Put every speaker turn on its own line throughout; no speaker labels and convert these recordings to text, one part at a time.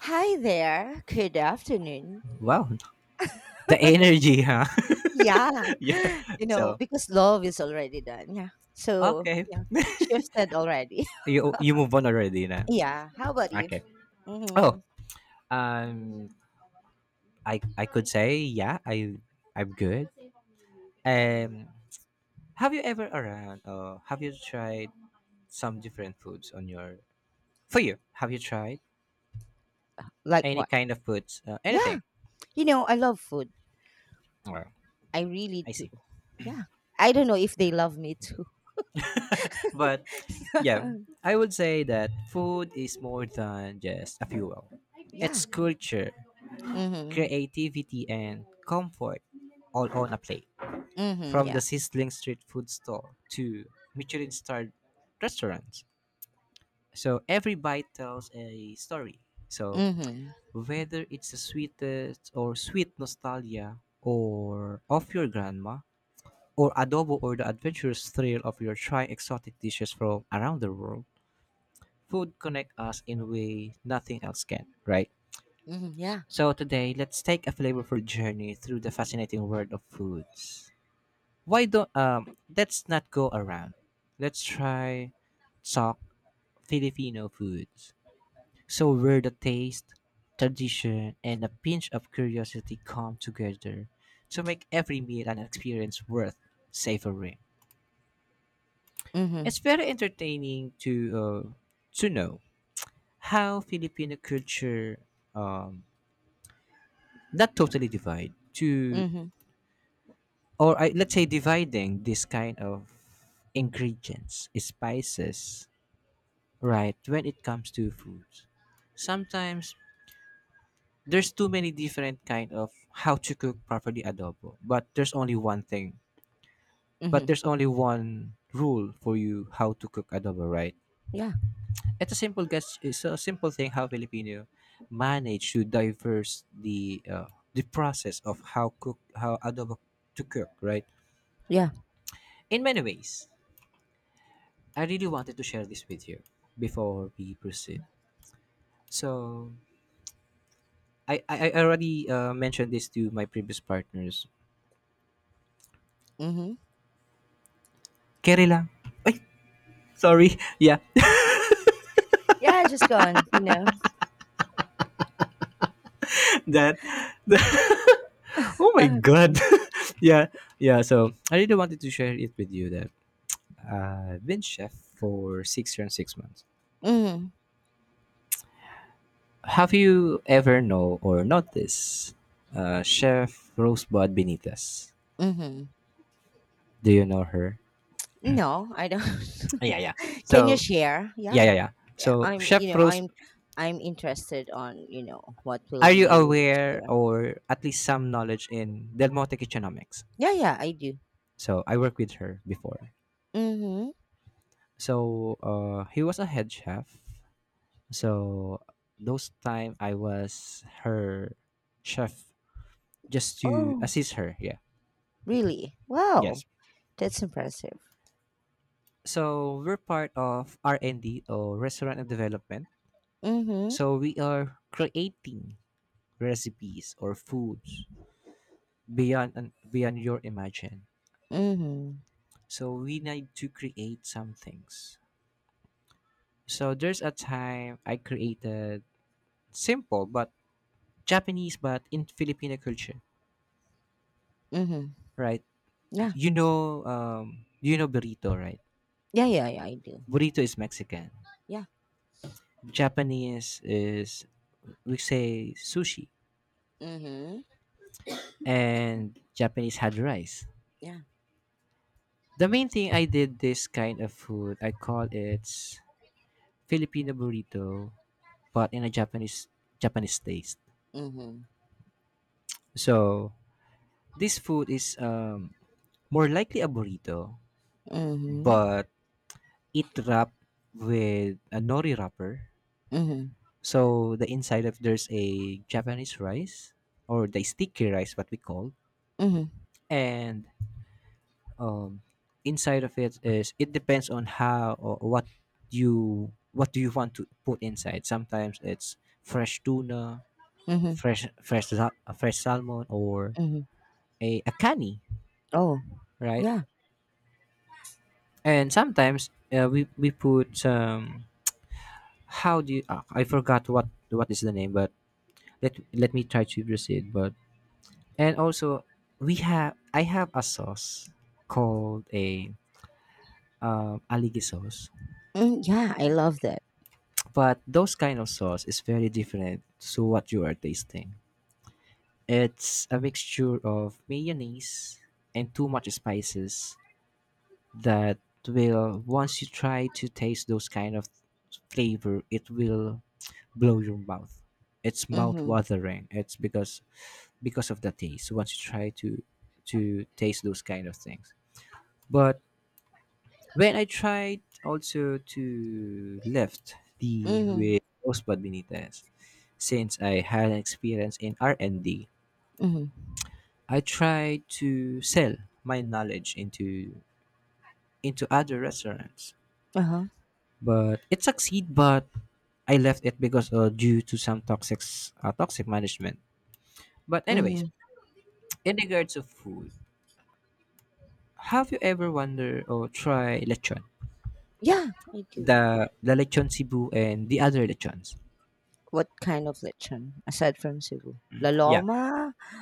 Hi there. Good afternoon.
Wow, the energy, huh?
Yeah.
yeah.
You know,
So
because love is already done. Yeah. So,
okay,
yeah, shifted already.
you move on already, na.
yeah. How about you?
Okay. Oh,
hmm
um, I could say yeah, I'm good. Um, have you ever around or have you tried some different foods on your for you? Have you tried
Like
any
what?
kind of foods?
Yeah.
Anything?
You know, I love food.
Well,
I really
I
do.
see.
Yeah. I don't know if they love me too.
But yeah, I would say that food is more than just a fuel.
yeah.
It's culture
Mm-hmm.
creativity and comfort all on a plate.
Mm-hmm.
From the
Yeah.
sizzling street food stall to Michelin starred restaurants. So every bite tells a story. So
Mm-hmm.
whether it's the sweetest or sweet nostalgia or of your grandma or adobo or the adventurous thrill of your trying exotic dishes from around the world, food connect us in a way nothing else can, right?
Mm-hmm.
S-
Yeah.
So today, let's take a flavorful journey through the fascinating world of foods. Why don't let's not go around. Let's try talk Filipino foods. So where the taste, tradition, and a pinch of curiosity come together to make every meal an experience worth savoring. It's
Mm-hmm.
very entertaining to know how Filipino culture um not totally divide to
Mm-hmm.
or I, let's say dividing this kind of ingredients spices right when it comes to foods sometimes there's too many different kind of how to cook properly adobo but there's only one thing but
Mm-hmm.
there's only one rule for you how to cook adobo right
Yeah.
it's a simple guess it's a simple thing how filipino manage to diverse the process of how cook how adobo to cook right
Yeah.
in many ways I really wanted to share this with you before we proceed. So, I already mentioned this to my previous partners.
Mm-hmm.
Kere lang. Ay, sorry. Yeah,
Yeah, just gone, you know.
that. that- oh my God. yeah, yeah. So, I really wanted to share it with you that I've been chef for 6 years and 6 months.
mm-hmm.
Have you ever know or noticed Chef Rosebud Benitez?
Mm-hmm.
Do you know her?
No, I don't.
Yeah, yeah.
Can you
So,
share? Yeah.
yeah.
Yeah,
So
I'm, you
Chef
know,
Rose
I'm I'm interested on, you know, what
Are
will
you
you
aware
share?
or at least some knowledge in Del Monte Kitchenomics?
Yeah, yeah, I do.
So I worked with her before.
Mhm.
So he was a head chef. So those time I was her chef just to
Oh,
assist her. Yeah.
really? Wow.
Yes.
That's impressive.
So we're part of R and D or restaurant and development.
Mhm.
So we are creating recipes or foods beyond and beyond your imagine.
Mhm.
So we need to create some things. So there's a time I created simple but Japanese but in Filipino culture,
Mhm.
right?
Yeah.
You know burrito, right?
Yeah, yeah, yeah, I do.
Burrito is Mexican.
Yeah.
Japanese is we say sushi,
Mhm.
and Japanese had rice.
Yeah.
The main thing I did this kind of food, I call it Filipino burrito, but in a Japanese taste.
Mhm.
So this food is more likely a burrito,
Mhm.
but it wrapped with a nori wrapper.
Mhm.
So the inside of there's a Japanese rice or the sticky rice, what we call,
Mhm.
and um, inside of it is it depends on how or what you what do you want to put inside. Sometimes it's fresh tuna,
Mhm.
fresh salmon, or
Mhm.
a cani,
Oh,
right?
yeah.
And sometimes we put how do you, ah, I forgot what is the name, but let me try to proceed but and also we have I have a sauce called a aligi sauce
Mm, yeah, I love that.
but those kind of sauce is very different to what you are tasting it's a mixture of mayonnaise and too much spices that will once you try to taste those kind of flavor it will blow your mouth it's mouth
Mhm.
watering it's because of the taste once you try to taste those kind of things but when I tried also to lift the
Mhm.
with Osbad Benitez since I had an experience in r and D,
Mhm.
I tried to sell my knowledge into other restaurants
Uh-huh.
but it succeed but I left it because due to some toxic toxic management but anyways
Mhm.
in regards of food have you ever wondered or try lechon
Yeah, I do.
the lechon Cebu and the other lechons.
What kind of lechon aside from Cebu? La
Yeah,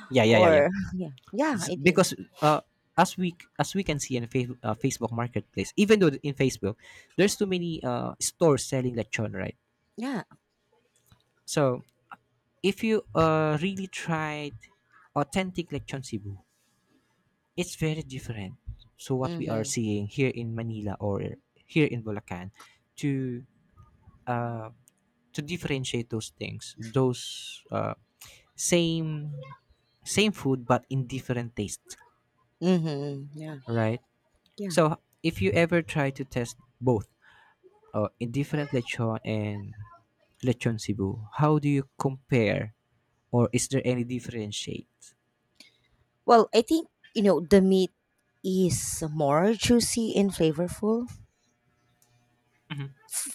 yeah.
or yeah, yeah, I did.
Because uh, as we as we can see in Facebook Marketplace, even though in Facebook there's too many stores selling lechon, right?
Yeah.
So if you really tried authentic lechon Cebu, it's very different. So what we are
Mhm.
seeing here in Manila or here in Bulacan to uh, to differentiate those things, those same same food but in different tastes,
Mhm. Yeah.
right?
Yeah.
So if you ever try to test both, in different lechon and lechon Cebu, how do you compare, or is there any differentiate?
Well, I think you know the meat is more juicy and flavorful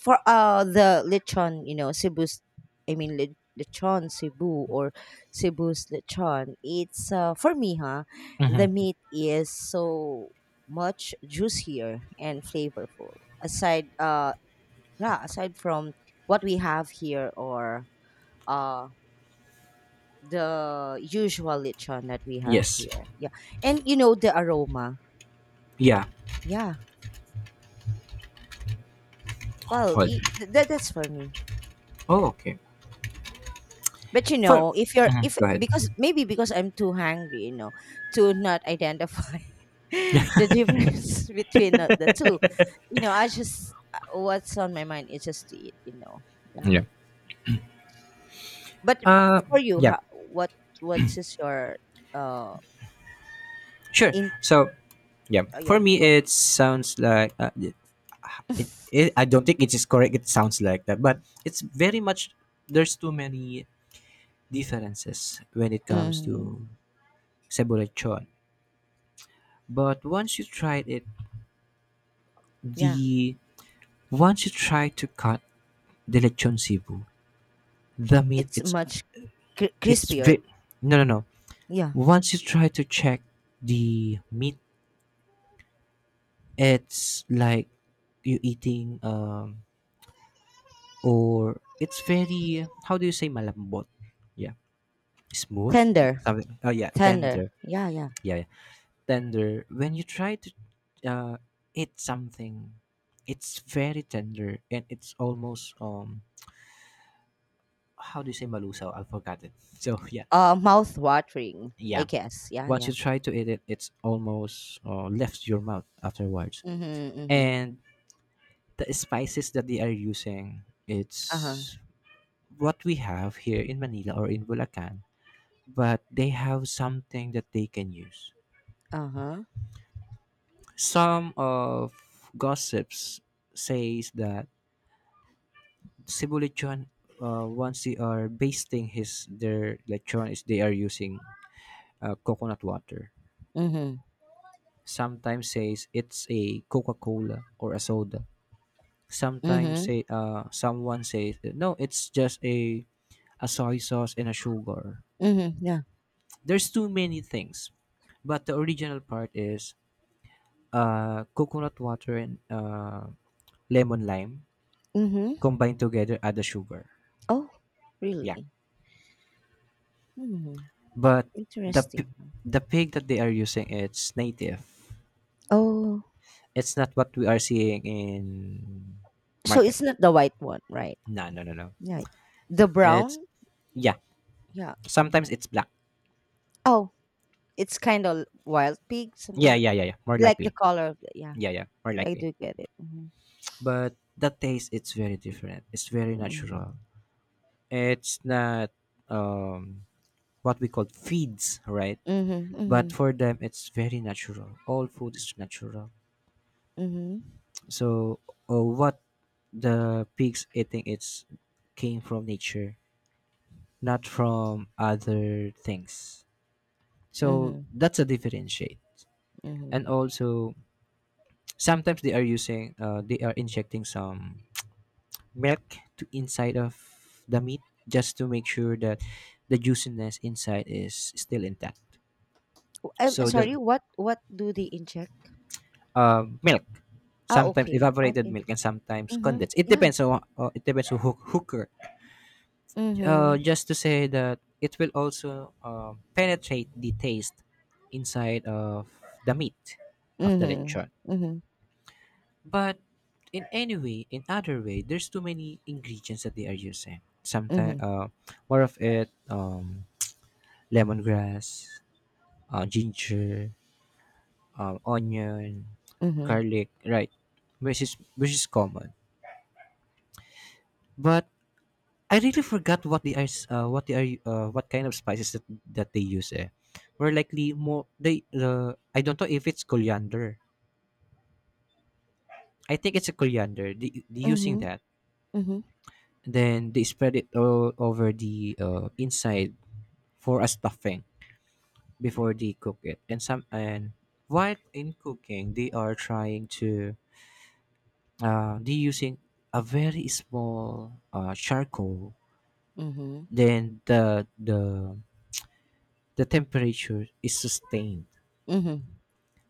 for the lechon. You know Cebu's. I mean lechon Cebu or Cebu's lechon. It's for me, huh? The
Mm-hmm.
meat is so much juicier and flavorful. Aside, yeah, aside from what we have here or uh the usual lechon that we have
Yes.
here, yeah. And you know the aroma,
Yeah.
yeah. Well,
Hold.
that, that's for me.
Oh, okay.
But you
For
know, if
go ahead.
because maybe because I'm too hungry, you know, to not identify the difference between the two. You know, I just what's on my mind is just to eat, you know.
Yeah.
Yeah. But
Uh,
for you,
yeah.
what what is your uh
Sure.
in
So, yeah.
oh
For
yeah
me,
go
it sounds like it I don't think it is correct. It sounds like that, but it's very much there's too many differences when it comes
Mhm.
to lechon. But once you tried it,
Yeah.
the once you try to cut the lechon sibu, the meat
It's much
it's
crispier.
no.
Yeah.
Once you try to check the meat, it's like you eating or it's very how do you say malambot? Yeah, smooth
Tender.
something. Oh yeah,
Tender.
tender
Yeah. Yeah.
yeah. tender when you try to uh, eat something it's very tender and it's almost how do you say malusaw I forgot it so
Mouth watering, I
yeah
guess. Yeah,
once you
yeah.
try to eat it it's almost left your mouth afterwards
Mhm, mhm.
and the spices that they are using
Uh-huh.
it's what we have here in manila or in bulacan but they have something that they can use
Uh-huh.
some of gossips says that Cebu lechon, once they are basting his their lechon is they are using coconut water.
Mhm,
Sometimes says it's a Coca Cola or a soda. Sometimes
mhm,
say someone says no, it's just a soy sauce and a sugar.
mhm. Yeah.
There's too many things, but the original part is coconut water and lemon lime
Mm-hmm.
combined together add the sugar.
Oh,
Yeah.
really? Hmm.
But the p-
Interesting.
the pig that they are using it's native.
Oh.
It's not what we are seeing in
So
market.
it's not the white one, right?
No, No.
Yeah. The
It's
brown?
yeah.
Yeah. Okay.
Sometimes it's black.
Oh, it's kind of wild pig, something
Yeah. More
like the
likely.
color of the, yeah.
Yeah. More
I
likely.
do get it. Mm-hmm.
But the taste it's very different. It's very natural.
Mm-hmm.
It's not um what we call feeds, right?
Mhm,
But
mhm,
for them it's very natural. All food is natural.
mhm,
So what the pigs eating it's came from nature not from other things. So
mhm,
that's a differentiate. And
mhm.
also, sometimes they are using, they are injecting some milk to inside of the meat just to make sure that the juiciness inside is still intact.
I'm
So
sorry,
the
what do they inject?
milk,
Ah,
sometimes
okay.
evaporated
Okay.
milk, and sometimes
Mhm.
condensed.
Yeah.
It depends on who, hooker
Mhm.
just to say that it will also penetrate the taste inside of the meat of the
Mhm.
lechon.
Mhm.
But in any way, in other way, there's too many ingredients that they are using. Sometimes
Mhm.
more of it, lemongrass, ginger, onion,
Mhm.
garlic, right? Which is common, but I really forgot what they are, what they are, what kind of spices that, that they use. Eh, were likely more they. I don't know if it's coriander. I think it's a coriander. The using
Mhm.
that,
Mhm.
then they spread it all over the inside for a stuffing before they cook it. And some and while in cooking, they are trying to they using a very small charcoal.
Mhm.
Then the temperature is sustained.
Mhm.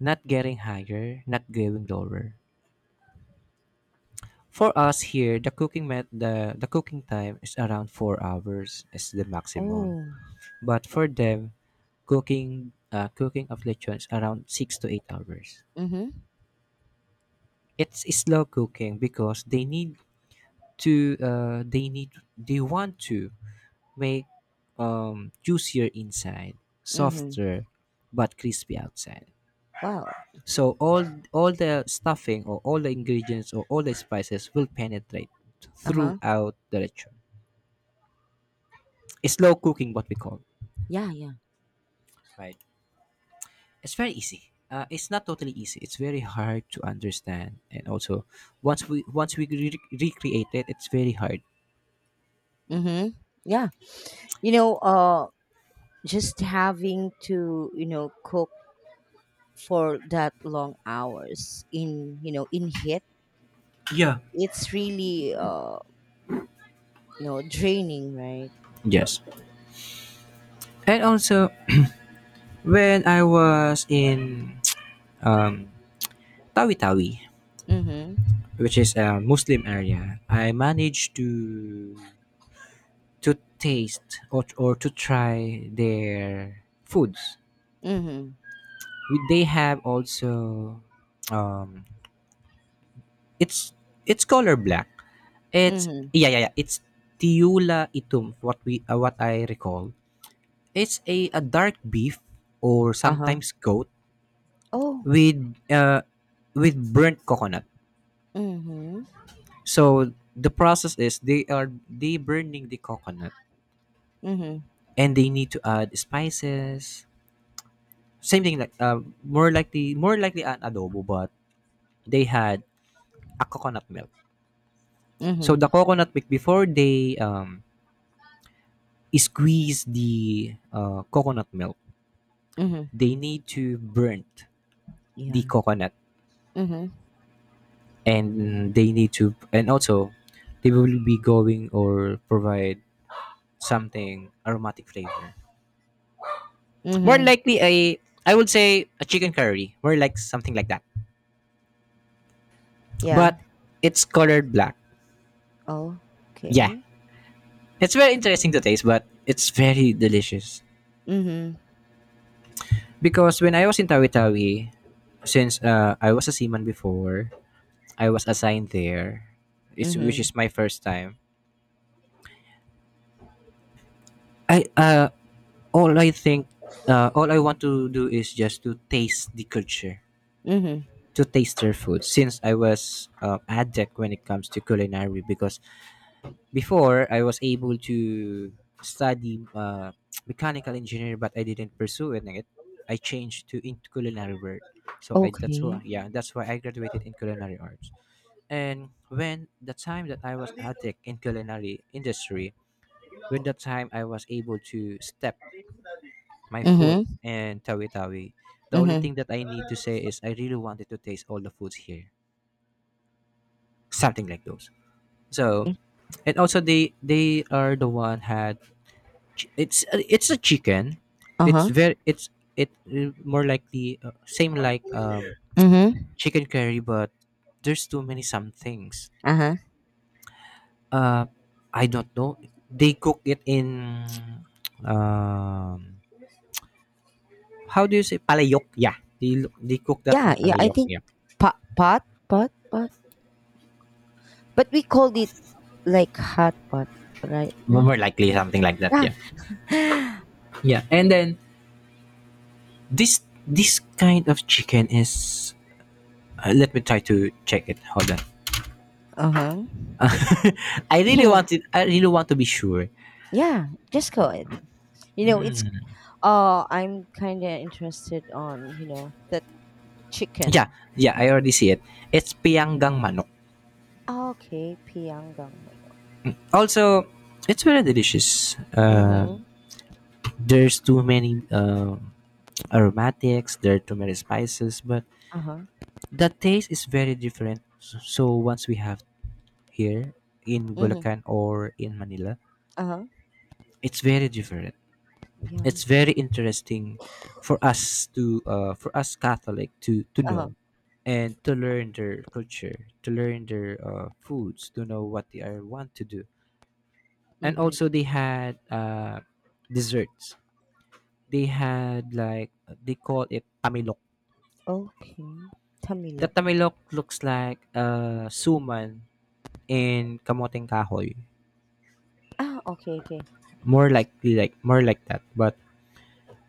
Not getting higher, not going lower. For us here, the cooking met the cooking time is around 4 hours is the maximum.
Oh.
But for them, cooking cooking of lechon is around 6 to 8 hours.
Mhm.
It's slow cooking because they need to they need they want to make juicier inside,
Mhm.
softer, but crispy outside.
Wow.
So all the stuffing or all the ingredients or all the spices will penetrate
Uh-huh.
throughout the lechon. It's slow cooking, what we call,
Yeah, yeah.
right? It's very easy. It's not totally easy. It's very hard to understand, and also once we recreate it, it's very hard.
Mhm. Yeah. You know, just having to, you know, cook for that long hours in, you know, in heat,
Yeah.
it's really you know, draining, right?
Yes. And also, when I was in Tawi Tawi,
Mhm.
which is a Muslim area, I managed to taste or to try their foods.
Mhm.
We- They have also um it's it's color black. It's
Mhm.
yeah. It's tiula itum. What we what I recall. It's a dark beef or
Uh-huh.
sometimes goat
Oh.
with uh with burnt coconut.
Mhm.
So the process is they burning the coconut
Mhm.
and they need to add spices. Same thing like more likely an adobo but they had a coconut milk. So
Mhm.
the coconut milk before they squeeze the coconut milk,
Mhm.
they need to burn the
Yeah.
coconut
Mhm.
and they need to and also they will be going or provide something aromatic flavor. More
Mhm.
likely a I would say a chicken curry, more like something like that.
Yeah.
But it's colored black.
Oh.
Yeah,
Okay.
it's very interesting to taste, but it's very delicious.
Mhm.
Because when I was in Tawi Tawi, since I was a seaman before, I was assigned there, which
Mhm.
is my first time. I all I think, all I want to do is just to taste the culture,
Mhm.
to taste their food. Since I was addict when it comes to culinary, because before, I was able to study mechanical engineer, but I didn't pursue it. Like, I changed to into culinary work. So I that's
Okay.
why yeah that's why I graduated in culinary arts. And when the time that I was addict in culinary industry, when the time I was able to step my foot
Mhm.
in Tawi Tawi, the only
Mhm.
thing that I need to say is I really wanted to taste all the foods here, something like those. So and also they are the one had it's a chicken. It's
Uh-huh.
very it's it more likely same like
Mhm.
chicken curry, but there's too many some things.
Uh-huh.
Uh, I don't know. They cook it in um how do you say palayok? Yeah, they cook that
Yeah,
in
yeah, I
palayok.
think
Yeah,
pot pot pot pot. But we called it like hot pot, right? Yeah.
more likely
Yeah.
something like that.
Yeah.
Yeah, yeah. And then this kind of chicken is. Let me try to check it. Hold on.
Uh-huh.
I really want it. I really want to be sure.
yeah, just go. You know, it's I'm kind of interested on, you know, the
Yeah,
chicken.
yeah, I already see it. It's pianggang manok.
Ah, okay, pianggang manok.
Also, it's very delicious.
Mhm.
There's too many aromatics, there are too many spices, but
Uh-huh.
the taste is very different. So once we have here in
Mhm.
Bulacan or in Manila,
Uh-huh.
it's very different.
Yeah.
It's very interesting for us to for us Catholic to
Uh-huh.
know and to learn their culture, to learn their foods, to know what they are want to do, and
Mhm.
also they had desserts, they had like, they call it tamilok.
Okay.
The
Tamilo.
tamilok looks like suman in kamoteng kahoy,
Ah, okay, okay.
more likely like more like that, but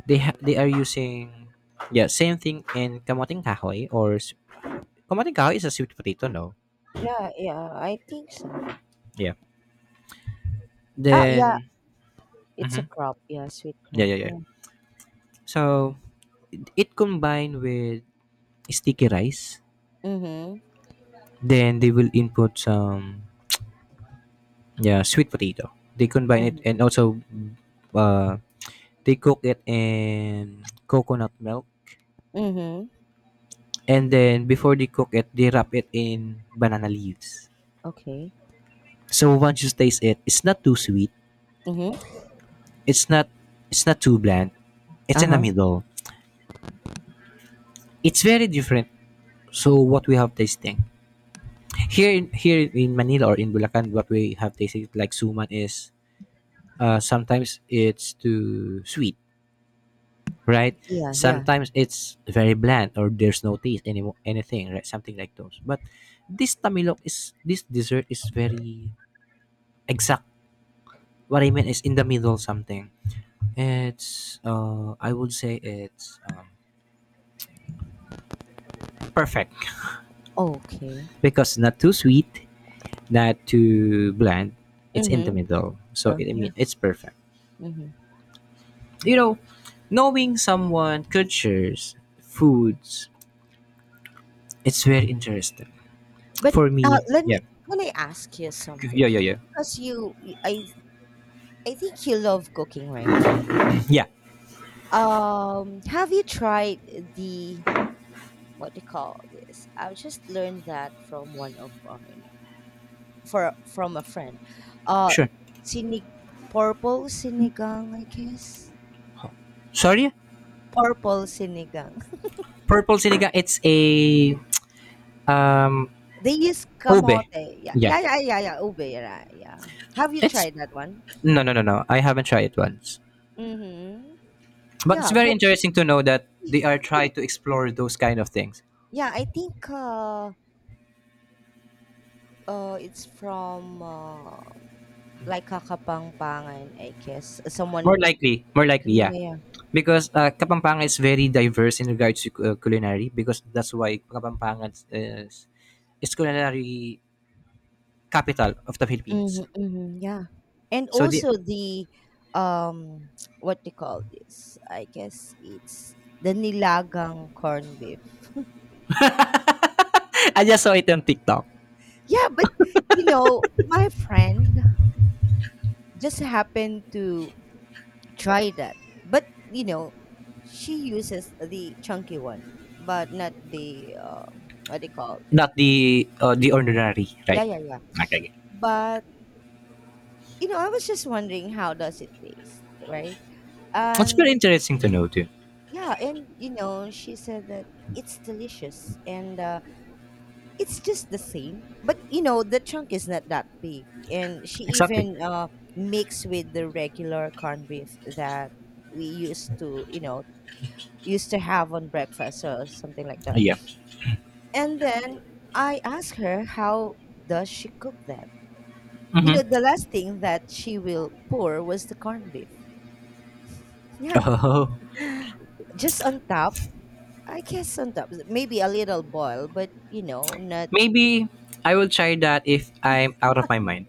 they are using, yeah, same thing in kamoteng kahoy kamoteng kahoy is a sweet potato, no?
Yeah, yeah, I think so.
Yeah,
Oh, yeah,
then
it's a
mhm.
crop. Yeah, sweet
Yeah,
crop.
yeah, yeah.
Yeah.
So it combined with sticky rice,
Mhm.
then they will input some, yeah, sweet potato, they combine it,
Mhm.
and also uh, they cook it in coconut milk,
Mhm.
and then before they cook it they wrap it in banana leaves.
Okay.
So once you taste it, it's not too sweet,
Mhm.
it's not it's not too bland, it's in the
Uh-huh.
middle. It's very different. So what we have tasting here, in Manila or in Bulacan, what we have tasting like suman is, sometimes it's too sweet, right?
Yeah, yeah.
Sometimes it's very bland or there's no taste anything, right? Something like those. But this dessert is very exact. What I mean is in the middle something. It's I would say it's perfect,
Okay.
because not too sweet, not too bland. It's in the
Mhm.
middle. So
Yeah,
I
yeah.
mean it's perfect.
Mhm.
You know, knowing someone cultures, foods, it's very interesting.
But
For
uh,
me,
let
yeah.
me let me ask you something
Yeah, yeah, yeah.
because you y- I think you love cooking, right?
Yeah,
Have you tried the, what do you call this? I just learned that from one of our, you know, for from a friend. Uh,
sure.
sinig purple sinigang, I guess.
Sorry,
Purple sinigang.
purple sinigang. It's a um
They use kamote.
ube.
Yeah,
Yeah,
yeah, yeah, yeah, yeah. Ube, yeah, yeah. Have you
it's
tried that one?
no, no, no, no. I haven't tried it once,
Mm-hmm.
but
Yeah,
it's very
but
interesting to know that they are trying to explore those kind of things.
yeah, I think. Uh, it's from, like Kakapangpangan, I guess. Uh, someone,
More likely,
yeah,
yeah,
yeah, yeah.
because Kapampangan is very diverse in regards to culinary. Because that's why Kapampangan is culinary capital of the Philippines.
Mhm, mhm, yeah. And
So the
also the, um, what do you call this? I guess it's the nilagang corned beef.
I just saw it on TikTok,
Yeah, but you know, my friend just happened to try that. But you know, she uses the chunky one, but not the what do you call it?
not the the ordinary, right?
Yeah, yeah, yeah.
Okay.
But you know, I was just wondering how does it taste, right?
It's very
And
interesting to know too.
yeah, and you know, she said that it's delicious and it's just the same, but you know, the chunk is not that big, and she
Exactly.
even mixed with the regular corned beef that you know, used to have on breakfast or something like that.
Yeah.
And then I asked her how does she cook that. You
Hmm.
know, the last thing that she will pour was the corned beef. Yeah,
Oh,
just on top, I guess on top, maybe a little boil, but you know, not.
maybe I will try that if I'm out of my mind.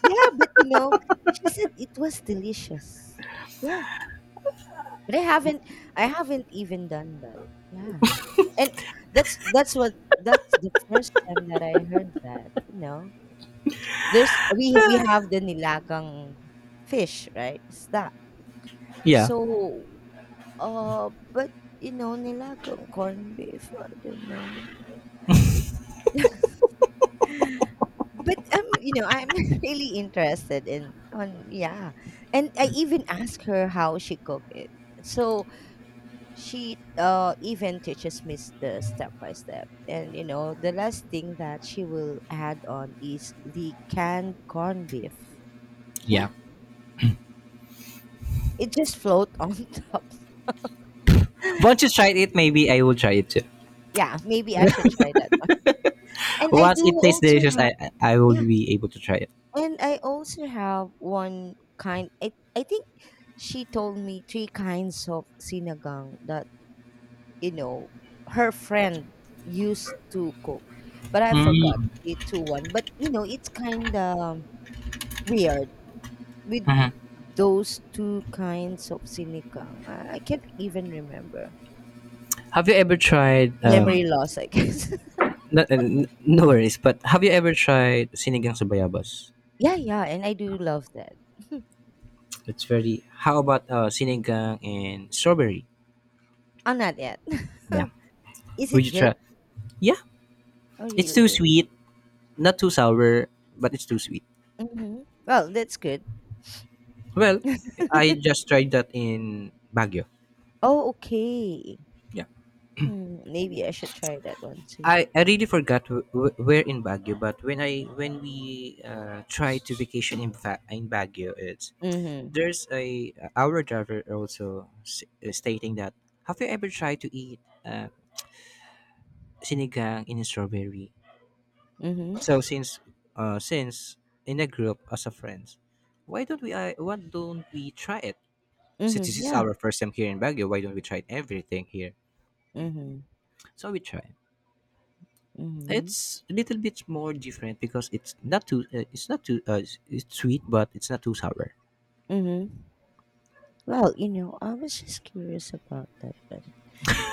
Yeah, but you know, she said it was delicious. Yeah, but I haven't even done that. Yeah, and that's the first time that I heard that. You know, there's we have the nilagang fish, right? It's that.
Yeah.
So, but you know, nilagang corned beef. I don't know. But you know, I'm really interested in on, yeah, and I even ask her how she cook it. So she even teaches me the step by step, and you know, the last thing that she will add on is the canned corned beef.
Yeah.
Yeah, it just float on top.
Once you tried it, maybe I will try it too.
Yeah, maybe I should try that one. And I
Once
do
it tastes
also
delicious,
have
I will
yeah.
be able to try it.
And I also have one kind, I think she told me three kinds of sinagang that, you know, her friend used to cook. But I forgot the two one. But you know, it's kinda weird with
Mhm.
those two kinds of sinigang. I can't even remember.
Have you ever tried
Memory
um?
loss, I guess.
No, no worries, but have you ever tried sinigang sa bayabas?
yeah, yeah, and I do love that.
It's very. How about sinigang and strawberry?
I'm not yet.
Yeah.
Is it
Would you
good?
try? Yeah,
Oh
it's too
really?
sweet, not too sour, but it's too sweet.
Well, that's good.
Well, I just tried that in Baguio.
Oh, okay.
Yeah,
Hmm. Maybe I should try that one too.
I really forgot where in Baguio, but when I when we try to vacation in Baguio, it's
Mhm.
there's a our driver also stating that, have you ever tried to eat sinigang in strawberry?
Mhm.
So since in a group as a friends, why don't we try it? Since
Mhm.
this is
Yeah.
our first time here in Baguio, why don't we try everything here?
Mhm.
So we try.
Mhm.
It's a little bit more different because it's not too it's sweet but it's not too sour.
Mhm. Well, you know, I was just curious about that one.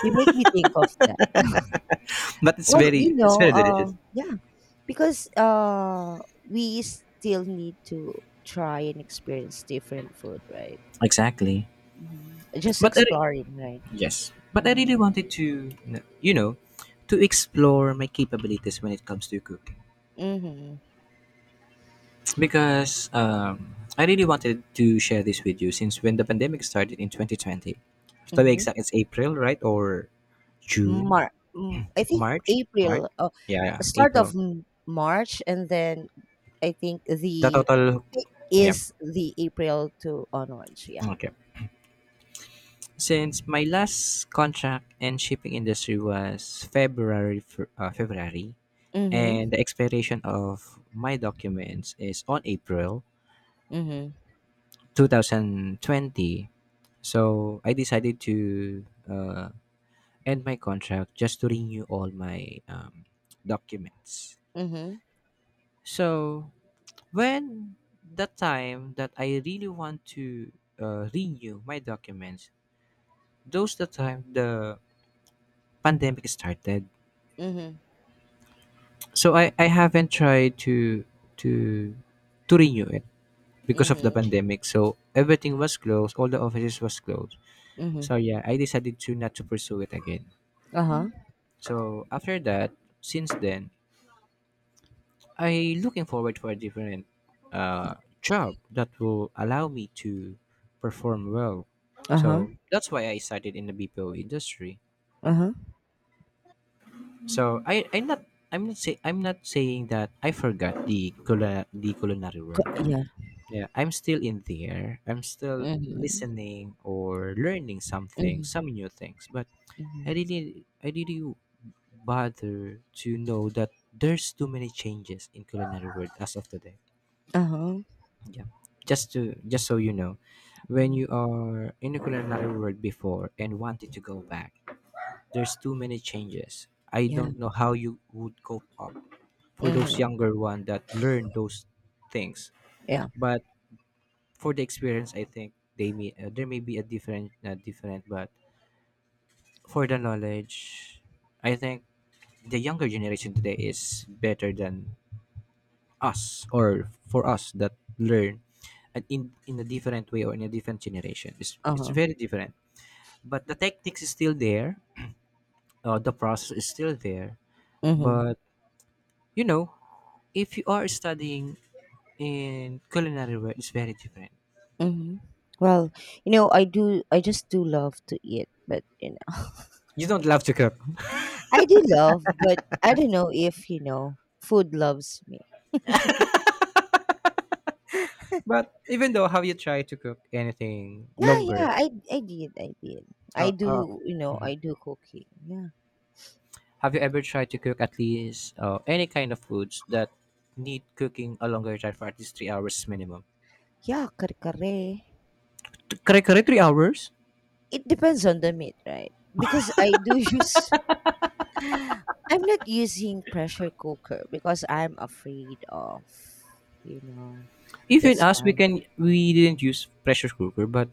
You make me think of that.
But
Well, you
it's
know,
very delicious.
yeah, because we still need to try and experience different food, right?
Exactly.
Just
But I, re-
exploring, right?
Yes. But I
Mm-hmm.
really wanted to, you know, to explore my capabilities when it comes to cooking,
Mm-hmm.
because I really wanted to share this with you since when the pandemic started in 2020. To be
Mm-hmm.
exact, it's April, right? Or June,
Mar I think
March, March.
April,
Yeah, yeah,
start of
April.
March, and then I think
The
the
total.
peak
Yeah.
is the April to onwards. Yeah.
Okay. Since my last contract in shipping industry was February, and
Mhm.
the expiration of my documents is on April
Mhm.
2020. So I decided to end my contract just to renew all my documents.
Mhm.
So when the time that I really want to renew my documents, those the time the pandemic started.
Mhm.
So I haven't tried to to to renew it because of the
Mhm.
pandemic. So everything was closed, all the offices was closed.
Mhm.
So yeah, I decided to not to pursue it again.
Uh huh.
So after that, since then, I looking forward for a different uh, job that will allow me to perform well.
Uh huh.
So that's why I started in the BPO industry.
Uh huh.
So I I'm not say I'm not saying that I forgot the culinary work.
Yeah.
Yeah, I'm still in there. I'm still
Mhm.
listening or learning something,
Mhm.
some new things. But
Mhm.
I didn't bother to know that there's too many changes in culinary world as of today.
Uh huh.
Yeah, just to just so you know, when you are in the culinary world before and wanted to go back, there's too many changes. I don't
Yeah.
know how you would cope up for those
Mhm.
younger one that learn those things,
Yeah.
but for the experience I think they may there may be a different different, but for the knowledge I think the younger generation today is better than us, or for us that learn and in a different way or in a different generation,
Uh
it's
huh.
very different, but the techniques is still there, the process is still there,
Mhm.
but you know, if you are studying in culinary world, it's very different.
Mhm. Well, you know, I do. I just do love to eat, but you know.
You don't love to cook,
I do love, but I don't know if you know food loves me.
but even though how you try to cook anything
Yeah, yeah,
longer.
I I did, I did. I
Uh, uh,
do, you know,
mhm.
I do cooking. Yeah,
Have you ever tried to cook at least any kind of foods that need cooking a longer time for at least 3 hours minimum?
yeah, kare
Correct, correct, 3 hours.
it depends on the meat, right? Because I do use. I'm not using pressure cooker because I'm afraid of, you know,
Even
that's
us,
why.
we didn't use pressure cooker, but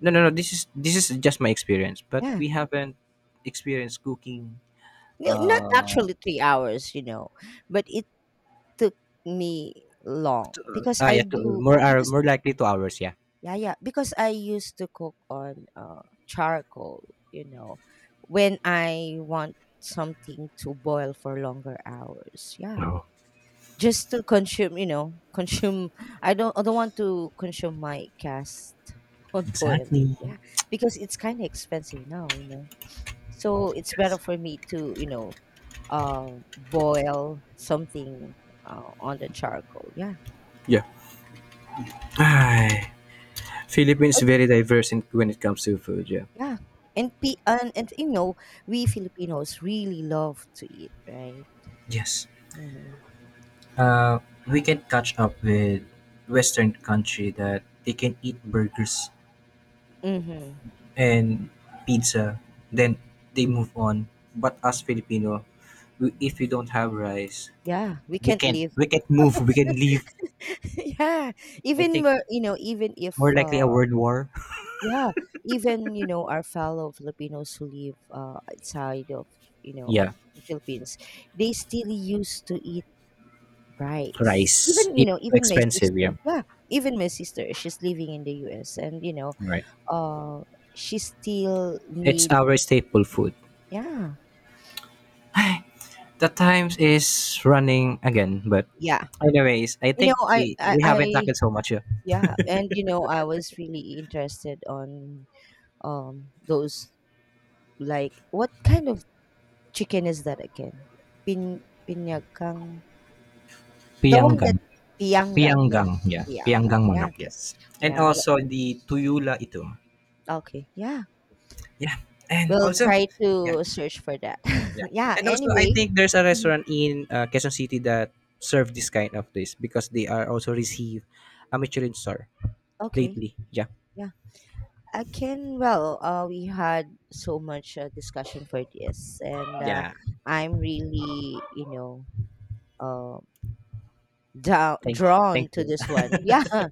no, no, no. This is just my experience, but
Yeah,
we haven't experienced cooking.
no, not
Uh,
actually three hours, you know, but it took me long because I
yeah, two,
do
more are
because.
more likely 2 hours. Yeah.
Yeah, yeah. Because I used to cook on charcoal, you know, when I want something to boil for longer hours. Yeah.
Oh,
Just to consume, you know, consume. I don't want to consume my cast on boiling.
exactly.
Yeah. Because it's kinda expensive now, you know. So it's better
Yes.
for me to, you know, boil something on the charcoal. Yeah.
Yeah. Ay, Philippines
I
very diverse in, when it comes to food. Yeah.
yeah. And, and you know, we Filipinos really love to eat, right?
Yes.
hmm
Uh, we can catch up with Western country that they can eat burgers
hmm
and pizza, then they move on. But us Filipino, we, if we don't have rice,
Yeah, we can't live.
we can't move. We can leave.
yeah,
I
even
think
where you know, even if
more likely a world war.
yeah, even you know, our fellow Filipinos who live outside of, you know,
Yeah,
the Philippines, they still used to eat rice.
rice.
Even you
It's
know,
so
even my
expensive. Yeah,
sister, yeah, even my sister, she's living in the U.S. and you know,
right.
uh, she still
It's
needs
our staple food.
yeah.
The times is running again, but
Yeah.
anyways, I
You
think
know, I, I,
we haven't
I,
talked so much. Yeah.
yeah, and you know, I was really interested on those, like what kind of chicken is that again? Pin pinyagang, the one that
Pianggan.
pianggang, yeah,
Pyanggang, yeah,
pianggang,
Pyanggang
yeah,
manok, yes. And
yeah.
also the Tuyula Itom.
Okay, yeah.
Yeah, and
We'll
also
try
yeah,
to search for that.
yeah.
yeah.
And also I
Anyway,
think there's a
mhm,
restaurant in Quezon City that serve this kind of this because they are also receive a Michelin star
okay,
lately. Yeah.
yeah. I can. Well, we had so much discussion for this, and
Yeah.
I'm really, you know, uh,
Thank
drawn to
you.
this one. Yeah.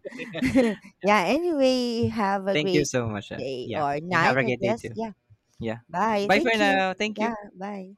yeah. Anyway, have a
Thank you
great
so much.
day
Yeah.
or
And have
night,
a
I
great day
guess.
too.
Yeah.
Yeah.
Bye.
Bye for
Thank you.
now. Thank
Yeah.
you.
Bye.